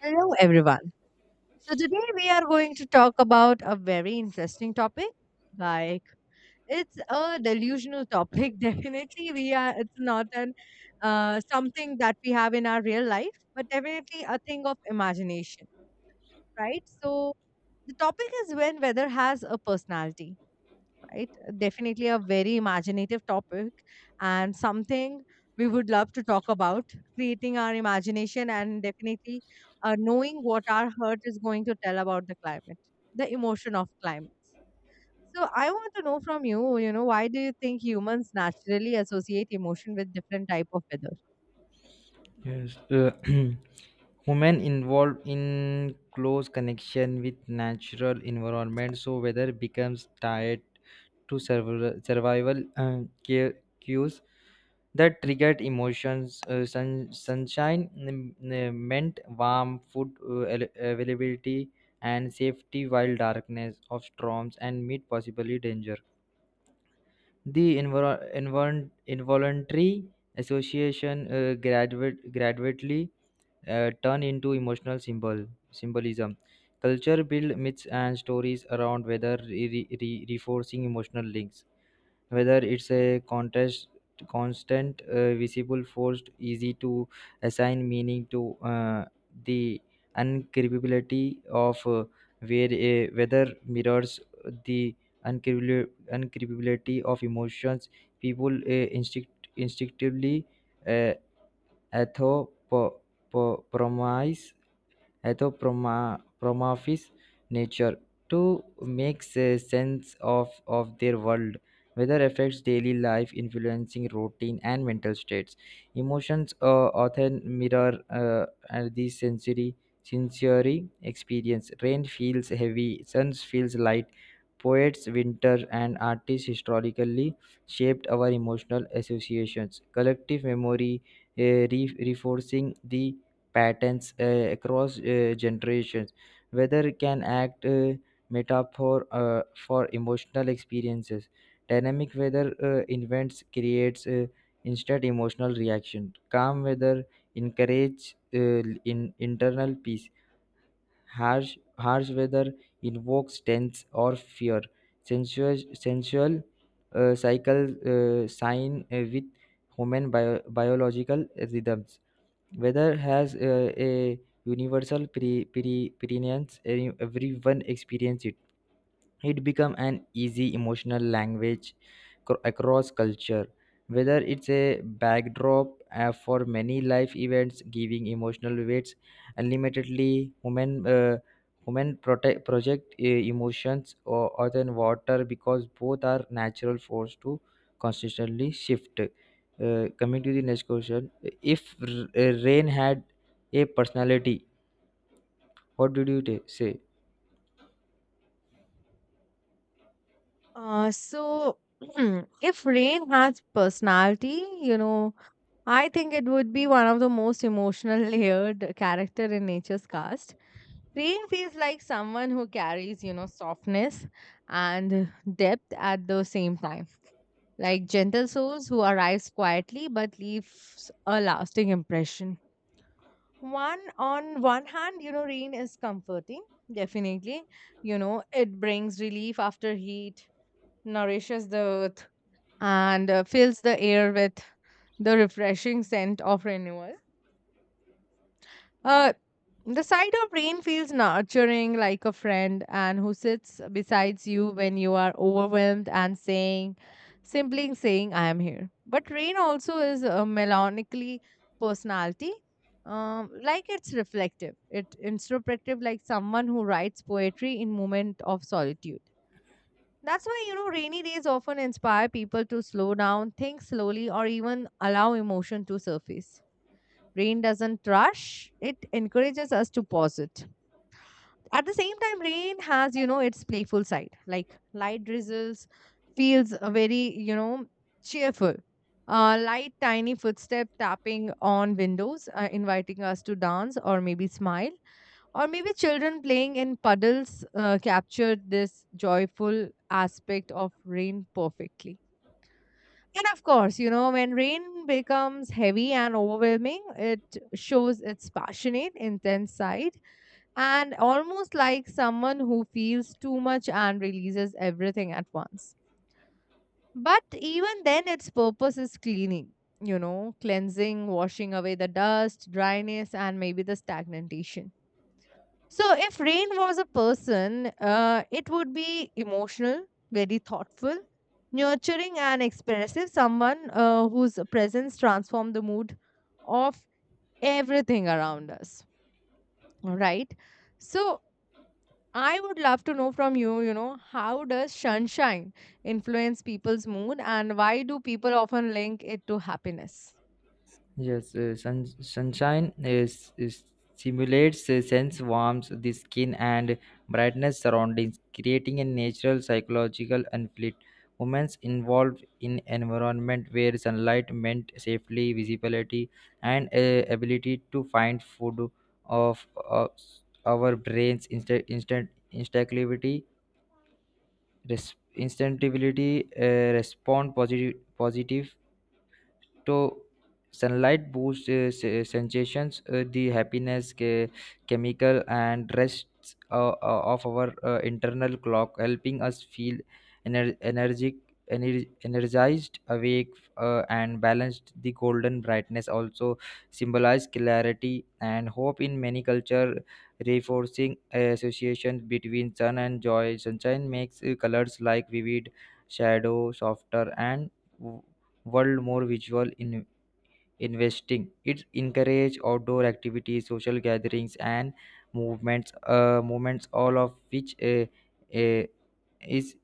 Hello, everyone. So, today we are going to talk about a very interesting topic. Like, it's a delusional topic, definitely. It's not an something that we have in our real life, but definitely a thing of imagination, right? So, the topic is when weather has a personality, right? Definitely a very imaginative topic and something we would love to talk about creating our imagination and definitely, knowing what our heart is going to tell about the climate, the emotion of climate. So I want to know from you, why do you think humans naturally associate emotion with different type of weather? Yes, women involved in close connection with natural environment, so weather becomes tied to survival cues that triggered emotions. Sunshine meant warm food availability and safety, while darkness of storms and meat possibly danger. The involuntary association gradually turn into emotional symbolism. Culture build myths and stories around whether reinforcing emotional links whether it's a contest constant visible force easy to assign meaning to, uh, the uncapability of, where a whether mirrors the uncapability of emotions. People instinctively, uh, atho anthropomorphized nature to make sense of their world. Weather affects daily life, influencing routine and mental states. Emotions often mirror these sensory experience. Rain feels heavy, sun feels light. Poets, winter, and artists historically shaped our emotional associations. Collective memory, reinforcing the patterns across generations. Weather can act metaphor for emotional experiences. Dynamic weather events creates instant emotional reaction. Calm weather encourages, in internal peace. Harsh weather invokes tense or fear. Sensual cycle sign with human biological rhythms. Weather has a universal preeminence. Everyone experiences it, it become an easy emotional language across culture, whether it's a backdrop for many life events, giving emotional weights unlimitedly human, project emotions or other than water because both are natural force to consistently shift. Coming to the next question, if rain had a personality, what did you say? So if rain has personality, I think it would be one of the most emotional layered character in nature's cast. Rain feels like someone who carries, softness and depth at the same time, like gentle souls who arrives quietly but leaves a lasting impression. One on one hand, rain is comforting, definitely. You know, it brings relief after heat, nourishes the earth, and fills the air with the refreshing scent of renewal. Uh, The sight of rain feels nurturing like a friend and who sits beside you when you are overwhelmed and simply saying, I am here. But rain also is a melancholy personality. Like it's reflective, it introspective, like someone who writes poetry in moment of solitude. That's why you know rainy days often inspire people to slow down, think slowly, or even allow emotion to surface. Rain doesn't rush; it encourages us to pause it. At the same time, rain has, its playful side. Like light drizzles feels very, cheerful. Light, tiny footstep tapping on windows, inviting us to dance or maybe smile. Or maybe children playing in puddles captured this joyful aspect of rain perfectly. And of course, when rain becomes heavy and overwhelming, it shows its passionate, intense side and almost like someone who feels too much and releases everything at once. But even then, its purpose is cleaning, cleansing, washing away the dust, dryness, and maybe the stagnation. So, if rain was a person, it would be emotional, very thoughtful, nurturing, and expressive, someone whose presence transforms the mood of everything around us, right? So, I would love to know from you, how does sunshine influence people's mood and why do people often link it to happiness? Yes, sunshine is simulates a sense warmth, the skin and brightness surroundings, creating a natural psychological conflict. Women involved in environment where sunlight meant safely, visibility, and ability to find food of our brains instinctivity respond positive तो sunlight boosts sensations the happiness chemical and rests of our internal clock, helping us feel ener- energic energized, awake, and balanced. The golden brightness also symbolize clarity and hope in many culture, reinforcing associations between sun and joy. Sunshine makes colors like vivid, shadow softer, and world more visual in investing. It encourages outdoor activities, social gatherings, and movements, all of which uh, is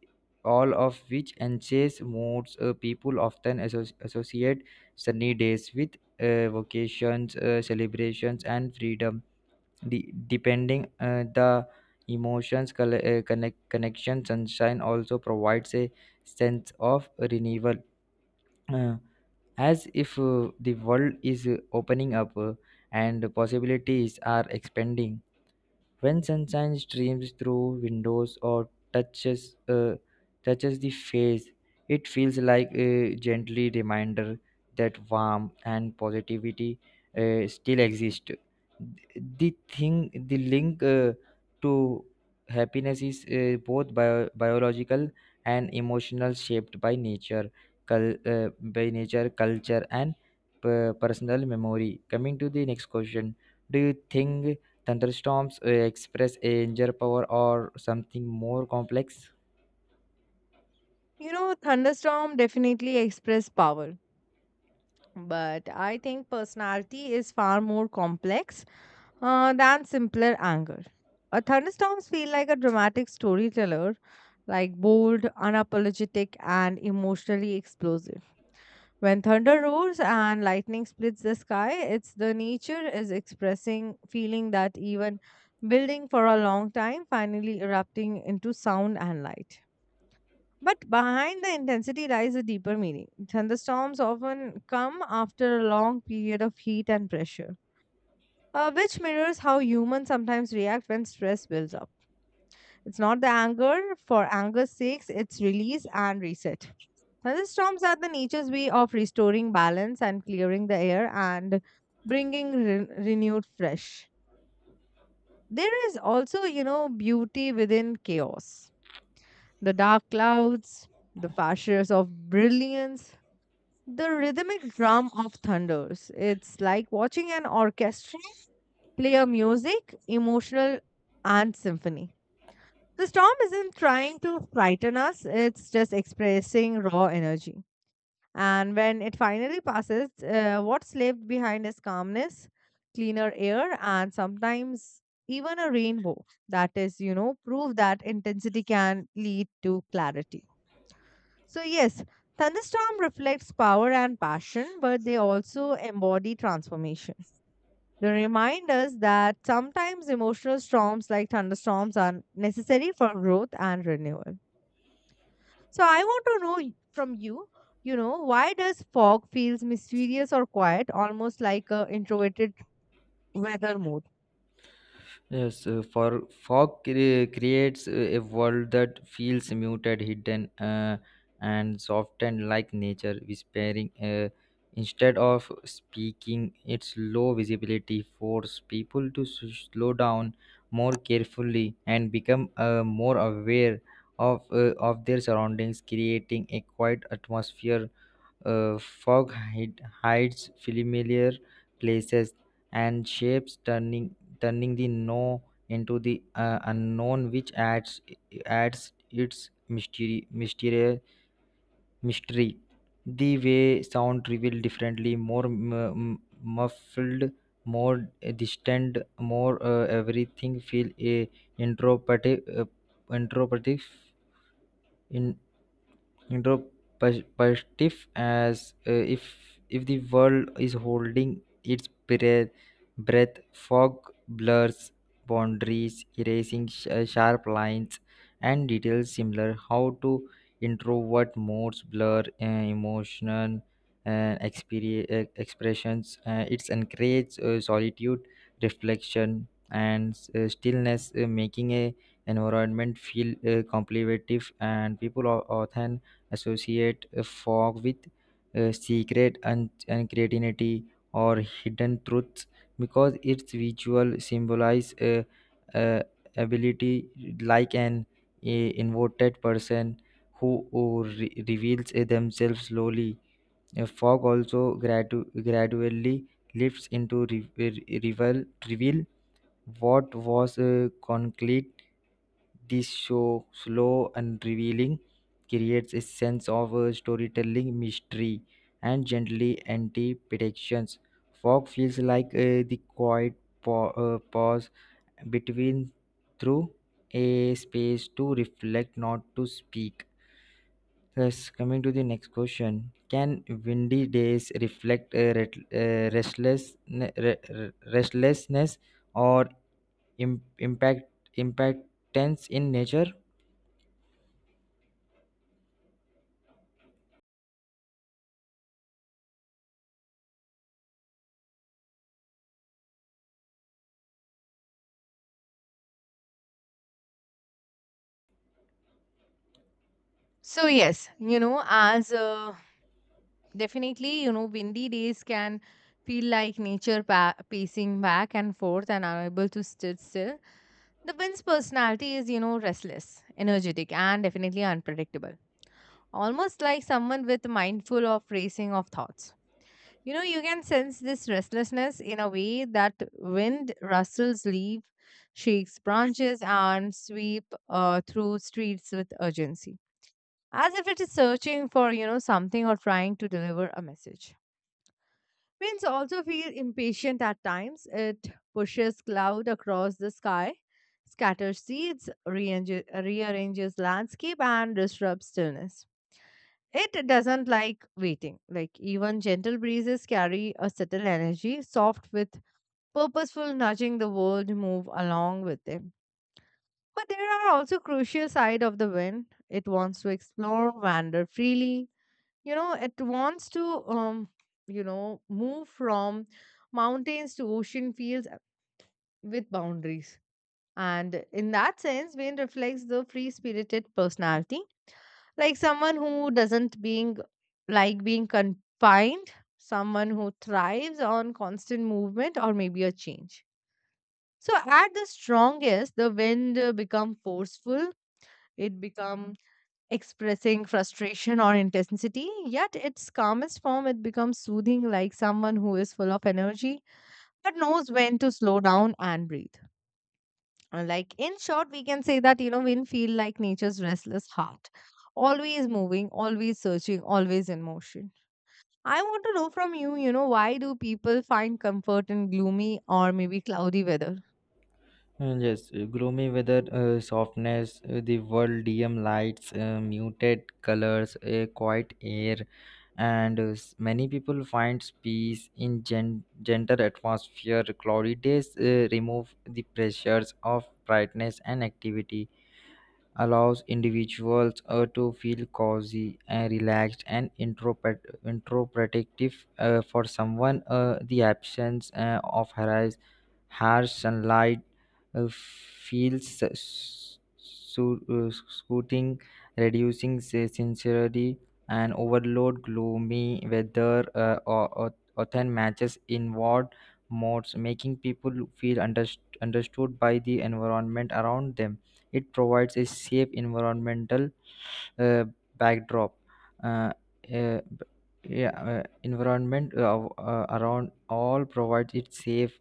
all of which enhances moods. Uh, people often associate sunny days with, vacations, celebrations, and freedom. The the emotions, connection. Sunshine also provides a sense of renewal, Uh, as if the world is opening up and possibilities are expanding. When sunshine streams through windows or touches the face, it feels like a gently reminder that warmth and positivity still exist. The link to happiness is both biological and emotional, shaped by nature, cul- by nature, culture, and personal memory. Coming to the next question, do you think? Thunderstorms express a danger power or something more complex. You know, thunderstorm definitely express power, but I think personality is far more complex than simpler anger. A thunderstorms feel like a dramatic storyteller, like bold, unapologetic, and emotionally explosive. When thunder roars and lightning splits the sky, it's the nature is expressing feeling that even building for a long time finally erupting into sound and light. But behind the intensity lies a deeper meaning. Thunderstorms often come after a long period of heat and pressure, which mirrors how humans sometimes react when stress builds up. It's not the anger for anger's sake, it's release and reset. Now, the storms are the nature's way of restoring balance and clearing the air and bringing renewed fresh. There is also, beauty within chaos. The dark clouds, the flashes of brilliance, the rhythmic drum of thunders. It's like watching an orchestra play a music, emotional, and symphony. The storm isn't trying to frighten us, it's just expressing raw energy. And when it finally passes, what's left behind is calmness, cleaner air, and sometimes even a rainbow. That is, proof that intensity can lead to clarity. So, yes, thunderstorm reflects power and passion, but they also embody transformation. They remind us that sometimes emotional storms like thunderstorms are necessary for growth and renewal. So I want to know from you, why does fog feels mysterious or quiet, almost like a introverted weather mode? Yes, for fog creates a world that feels muted, hidden, and softened like nature, whispering. Instead of speaking, its low visibility force people to slow down more carefully and become more aware of their surroundings, creating a quiet atmosphere. Fog hides familiar places and shapes, turning the no into the, unknown, which adds its mystery. The way sound revealed differently, more muffled, more distant, more, everything feel a introspective, introspective, in introspective, as if the world is holding its breath. Fog blurs boundaries, erasing sharp lines and details, similar how to introvert modes blur emotional expressions. It's encourage solitude, reflection, and stillness, making a environment feel contemplative, and people are often associate a fog with, secret and creativity or hidden truths, because its visual symbolize a ability like an a inverted person who reveals themselves slowly. A fog also gradually lifts into reveal what was, concrete. This show, slow and revealing, creates a sense of storytelling mystery and gently anti predictions. Fog feels like, the quiet pause between through a space to reflect, not to speak. Yes, coming to the next question. Can windy days reflect a restlessness or im- impact impactance in nature? So yes, you know, as definitely, windy days can feel like nature pacing back and forth and unable to sit still. The wind's personality is, restless, energetic, and definitely unpredictable. Almost like someone with mindful of racing of thoughts. You know, you can sense this restlessness in a way that wind rustles leaves, shakes branches, and sweep through streets with urgency, as if it is searching for, something or trying to deliver a message. Winds also feel impatient at times. It pushes cloud across the sky, scatters seeds, rearranges landscape, and disrupts stillness. It doesn't like waiting. Like even gentle breezes carry a subtle energy, soft with purposeful nudging the world move along with them. But there are also crucial side of the wind. It wants to explore, wander freely. You know, it wants to move from mountains to ocean fields with boundaries. And in that sense, wind reflects the free spirited personality like someone who doesn't being like being confined, someone who thrives on constant movement or maybe a change. So at the strongest the wind become forceful, it become expressing frustration or intensity, yet its calmest form it becomes soothing like someone who is full of energy but knows when to slow down and breathe. Like in short, we can say that wind feel like nature's restless heart, always moving, always searching, always in motion. I want to know from you, why do people find comfort in gloomy or maybe cloudy weather? Yes, gloomy weather, softness, the world dim lights, muted colors, a quiet air, and many people find peace in gentle atmosphere. Cloudy days remove the pressures of brightness and activity, allows individuals to feel cozy and relaxed and introspective. For someone, the absence of harsh sunlight feels soothing, reducing sincerity and overload. Gloomy weather, or often matches inward modes, making people feel understood by the environment around them. It provides a safe environmental uh, backdrop. Uh, uh, b- yeah, environment around all provides it safe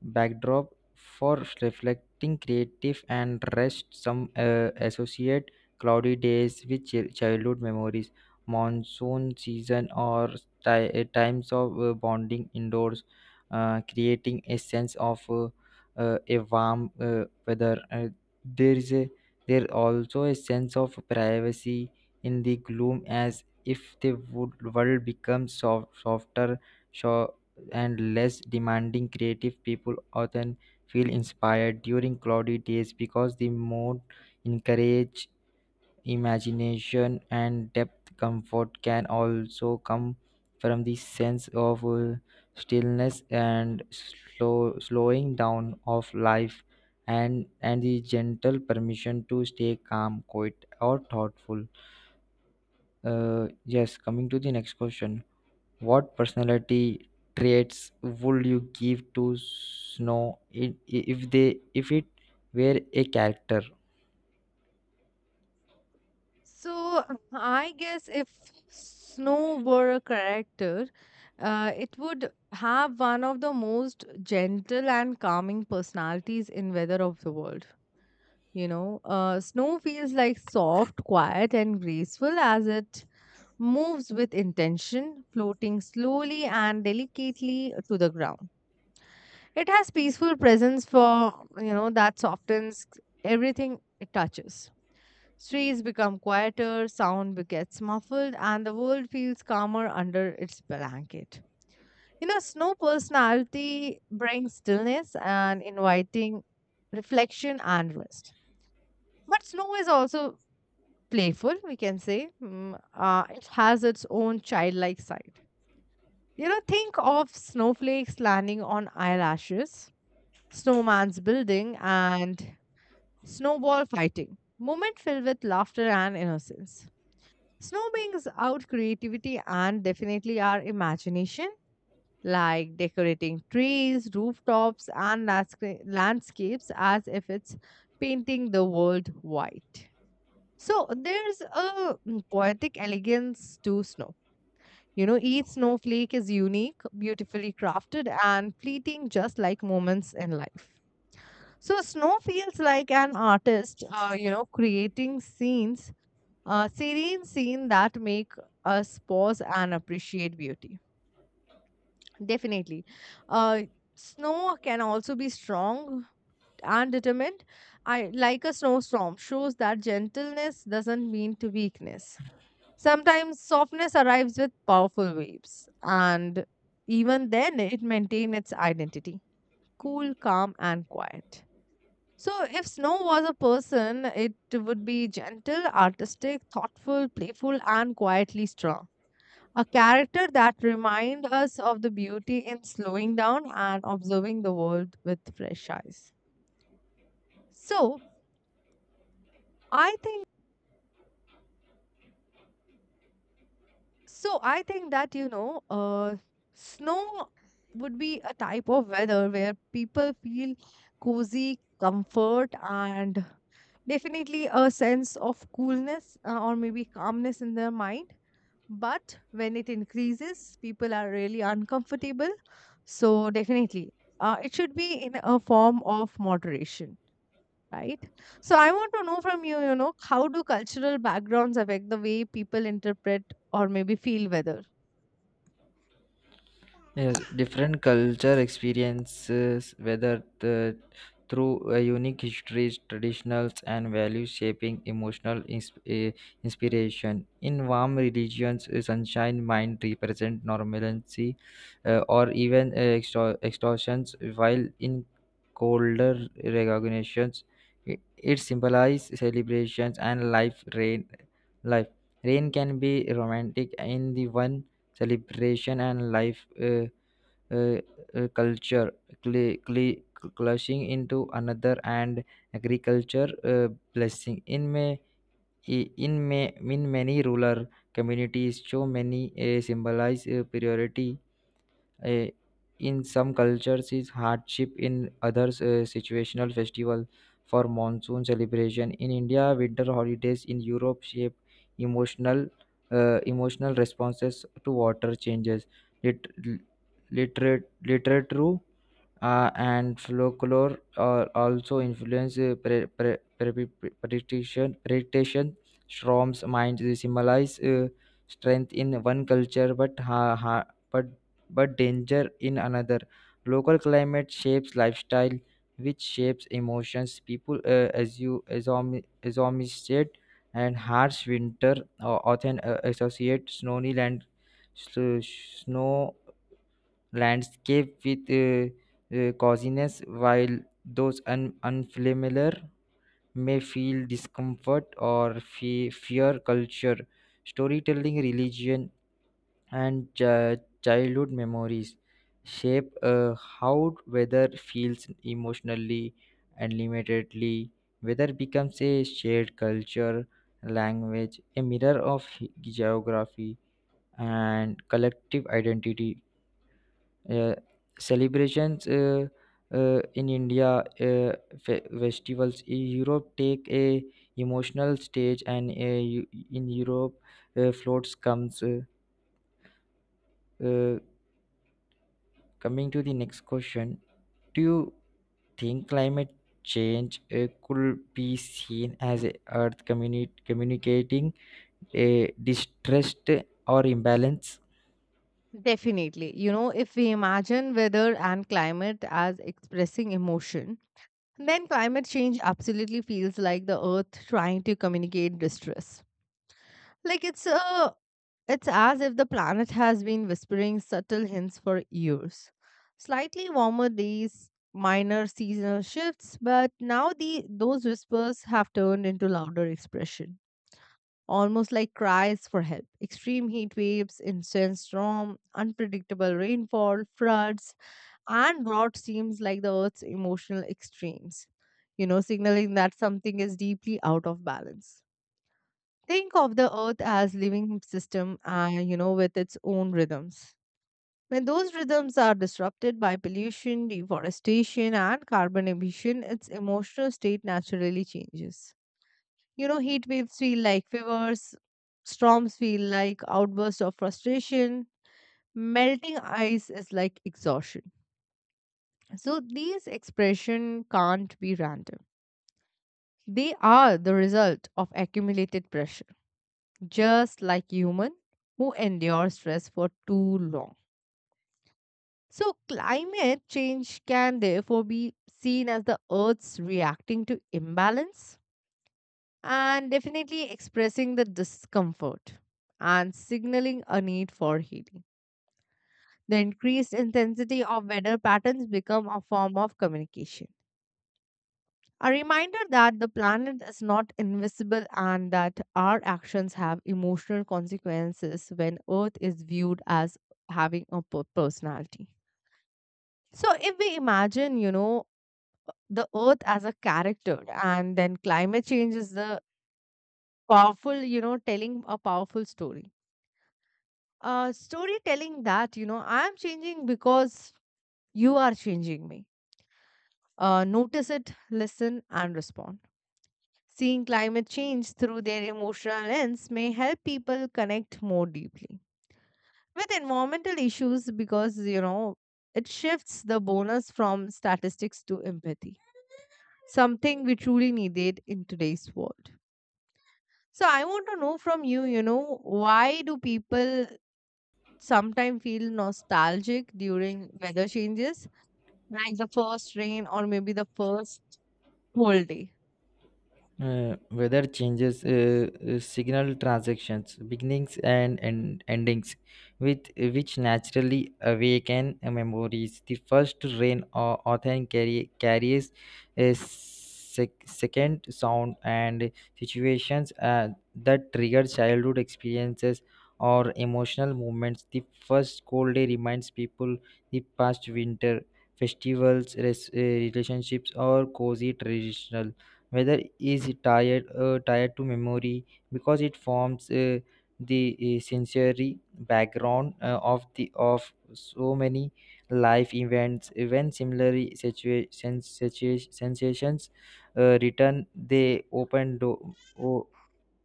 backdrop for reflecting creative and rest. Some associate cloudy days with childhood memories, monsoon season, or times of bonding indoors, creating a sense of, a warm weather. There is a there also a sense of privacy in the gloom, as if the world becomes soft, softer and less demanding. Creative people often feel inspired during cloudy days because the mood encourage imagination and depth. Comfort can also come from the sense of, stillness and slowing down of life, and the gentle permission to stay calm, quiet, or thoughtful. Yes, coming to the next question, what personality traits would you give to Snow if it were a character? So I guess if snow were a character, it would have one of the most gentle and calming personalities in weather of the world. You know, snow feels like soft, quiet, and graceful as it moves with intention, floating slowly and delicately to the ground. It has peaceful presence for, that softens everything it touches. Streets become quieter, sound gets muffled, and the world feels calmer under its blanket. You know, snow personality brings stillness and inviting reflection and rest. But snow is also playful, we can say. It has its own childlike side. You know, think of snowflakes landing on eyelashes, snowman's building, and snowball fighting. Moment filled with laughter and innocence. Snow brings out creativity and definitely our imagination, like decorating trees, rooftops, and landscapes as if it's painting the world white. So there's a poetic elegance to snow, you know, each snowflake is unique, beautifully crafted, and fleeting just like moments in life. So, snow feels like an artist, you know, creating scenes, serene scenes that make us pause and appreciate beauty. Definitely. Uh, snow can also be strong and determined. I like a snowstorm shows that gentleness doesn't mean to weakness. Sometimes softness arrives with powerful waves, and even then it maintains its identity cool, calm, and quiet. So, if Snow was a person, it would be gentle, artistic, thoughtful, playful, and quietly strong. A character that reminds us of the beauty in slowing down and observing the world with fresh eyes. So, I think I think that, snow would be a type of weather where people feel cozy, comfort, and definitely a sense of coolness or maybe calmness in their mind. But when it increases, people are really uncomfortable. So definitely, it should be in a form of moderation. Right. So I want to know from you, how do cultural backgrounds affect the way people interpret or maybe feel weather? Yes, different culture experiences, whether the, through a unique histories, traditionals, and values shaping emotional inspiration. In warm religions, sunshine mind represent normalcy, eh, or even eh, extor- extortions, while in colder recognitions, it symbolizes celebrations and life. Life. Rain can be romantic in the one celebration and life. Uh, Culture cl- cl- clashing into another, and agriculture blessing in many rural communities, so many symbolize priority. Eh, in some cultures, is hardship. In others, situational festival for monsoon celebration. In India, winter holidays. In Europe, shape emotional, emotional responses to water changes. Lit, lit, Literature and folklore also influence prediction. Storms minds symbolize strength in one culture, but ha- ha- but danger in another. Local climate shapes lifestyle, which shapes emotions. People as you assume state and harsh winter often associate snowy land s- snow landscape with coziness, while those unfamiliar may feel discomfort or fear. Culture, storytelling, religion, and childhood memories shape how weather feels emotionally and limitedly. Weather becomes a shared culture, language, a mirror of geography, and collective identity. uh, Celebrations in india, uh, festivals in europe take a emotional stage, and eu- in europe floats comes. Uh, Coming to the next question, do you think climate change could be seen as a earth communicating a distress or imbalance? Definitely. You know, if we imagine weather and climate as expressing emotion, then climate change absolutely feels like the earth trying to communicate distress. Like it's a it's as if the planet has been whispering subtle hints for years. Slightly warmer days, minor seasonal shifts, but now the those whispers have turned into louder expression, almost like cries for help. Extreme heat waves, intense storm, unpredictable rainfall, floods, and drought seems like the Earth's emotional extremes, signaling that something is deeply out of balance. Think of the Earth as living system, you know, with its own rhythms. When those rhythms are disrupted by pollution, deforestation, and carbon emission, its emotional state naturally changes. You know, heat waves feel like fevers, storms feel like outbursts of frustration, melting ice is like exhaustion. So these expressions can't be random. They are the result of accumulated pressure, just like human who endure stress for too long. So climate change can therefore be seen as the earth's reacting to imbalance and definitely expressing the discomfort and signaling a need for healing. The increased intensity of weather patterns become a form of communication. A reminder that the planet is not invisible and that our actions have emotional consequences when Earth is viewed as having a personality. So, if we imagine, the Earth as a character and then climate change is the powerful, telling a powerful story, storytelling that you know I am changing because you are changing me. Notice it, listen and respond. Seeing climate change through their emotional lens may help people connect more deeply with environmental issues, because you know it shifts the bonus from statistics to empathy, something we truly needed in today's world. So I want to know from you, you know, why do people sometimes feel nostalgic during weather changes, like the first rain or maybe the first cold day? Weather changes signal transactions, beginnings and endings, with which naturally awaken memories. The first rain or often carries a second sound and situations that trigger childhood experiences or emotional moments. The first cold day reminds people the past winter festivals, relationships, or cozy traditional. Weather is tied to memory because it forms the sensory background of so many life events. When similarly situations sensations return,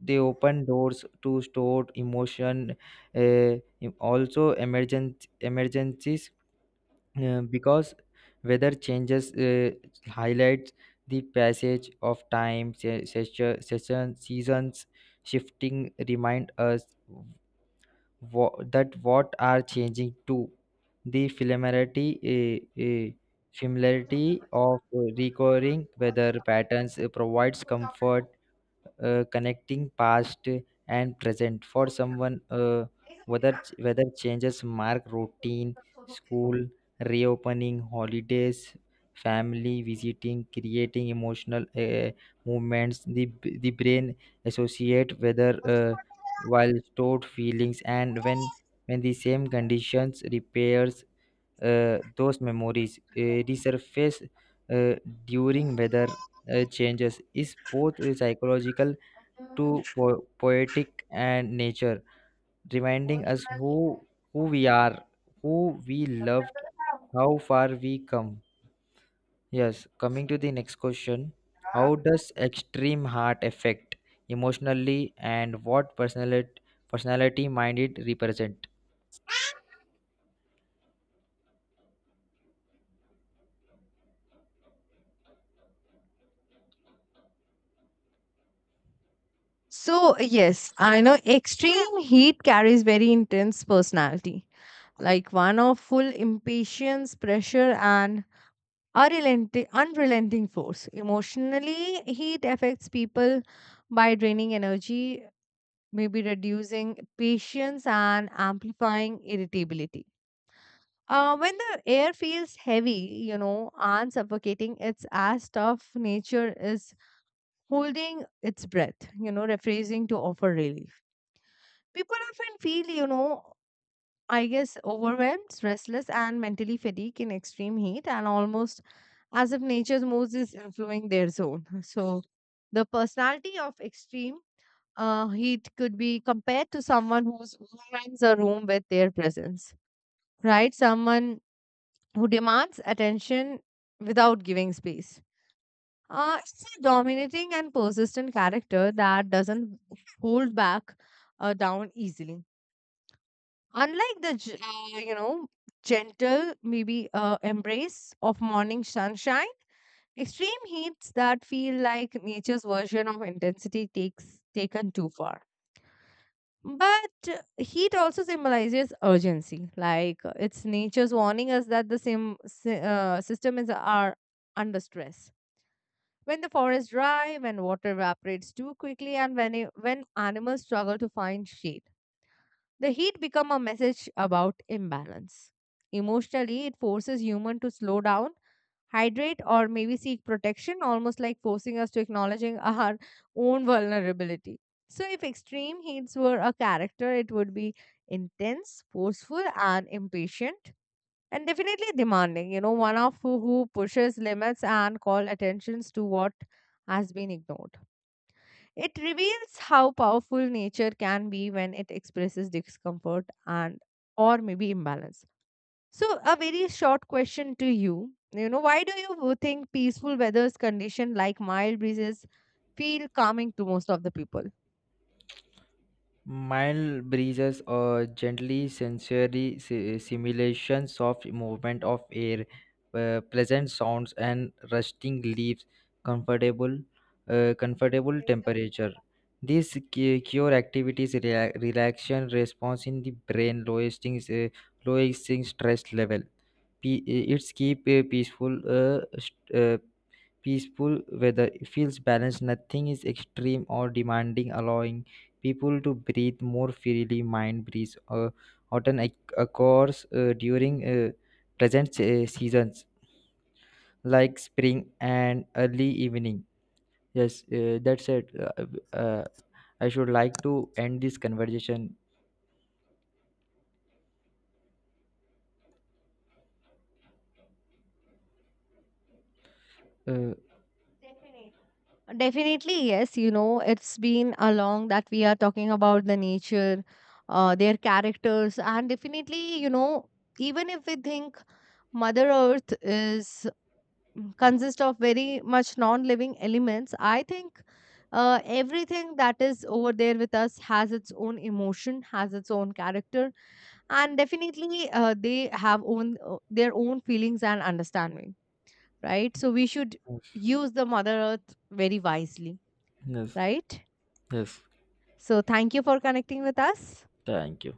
they open doors to stored emotion. Uh, Also, emergent emergencies because weather changes highlights the passage of time. Session, seasons shifting remind us that what are changing too. The familiarity of recurring weather patterns provides comfort, connecting past and present. For someone, whether changes mark routine, school reopening, holidays, family visiting, creating emotional movements. The brain associate whether while stored feelings, and when the same conditions repairs, those memories resurface uh, during weather changes is both a psychological to poetic and nature, reminding us who we are, who we loved, how far we come. Yes, coming to the next question, how does extreme heart affect emotionally, and what personality might it represent? So, yes, I know extreme heat carries very intense personality, like one of full impatience, pressure, and unrelenting force. Emotionally, heat affects people by draining energy, maybe reducing patience and amplifying irritability. When the air feels heavy, and suffocating, it's as tough nature is holding its breath, rephrasing to offer relief. People often feel, I guess overwhelmed, restless, and mentally fatigued in extreme heat, and almost as if nature's moods is influencing their zone. So, the personality of extreme heat could be compared to someone who warms a room with their presence, right? Someone who demands attention without giving space. It's a dominating and persistent character that doesn't hold back down easily. Unlike the, you know, gentle, maybe embrace of morning sunshine, extreme heats that feel like nature's version of intensity takes taken too far. But heat also symbolizes urgency. Like it's nature's warning us that the same system is are under stress. When the forest dry, when water evaporates too quickly, and when animals struggle to find shade, the heat become a message about imbalance. Emotionally, it forces human to slow down, hydrate or maybe seek protection, almost like forcing us to acknowledging our own vulnerability. So, if extreme heats were a character, it would be intense, forceful, and impatient, and definitely demanding. You know, one of who pushes limits and call attentions to what has been ignored. It reveals how powerful nature can be when it expresses discomfort and or maybe imbalance. So, a very short question to you. You know, why do you think peaceful weather's condition like mild breezes feel calming to most of the people? Mild breezes or gently sensory simulation, soft movement of air, pleasant sounds and rusting leaves, comfortable, comfortable temperature. These cure activities relaxation response in the brain, lowering stress level. Pe- it's keep Peaceful, peaceful weather it feels balanced, nothing is extreme or demanding, allowing people to breathe more freely. Mind breeze often occurs during present seasons like spring and early evening. Yes, that's it. Uh, I should like to end this conversation. uh, Definitely, yes. You know, it's been a long that we are talking about the nature, their characters, and definitely, you know, even if we think Mother Earth is consist of very much non-living elements, I think everything that is over there with us has its own emotion, has its own character, and definitely they have own their own feelings and understanding, right? So we should yes, use the mother earth very wisely, yes, right? yes, So thank you for connecting with us. thank you.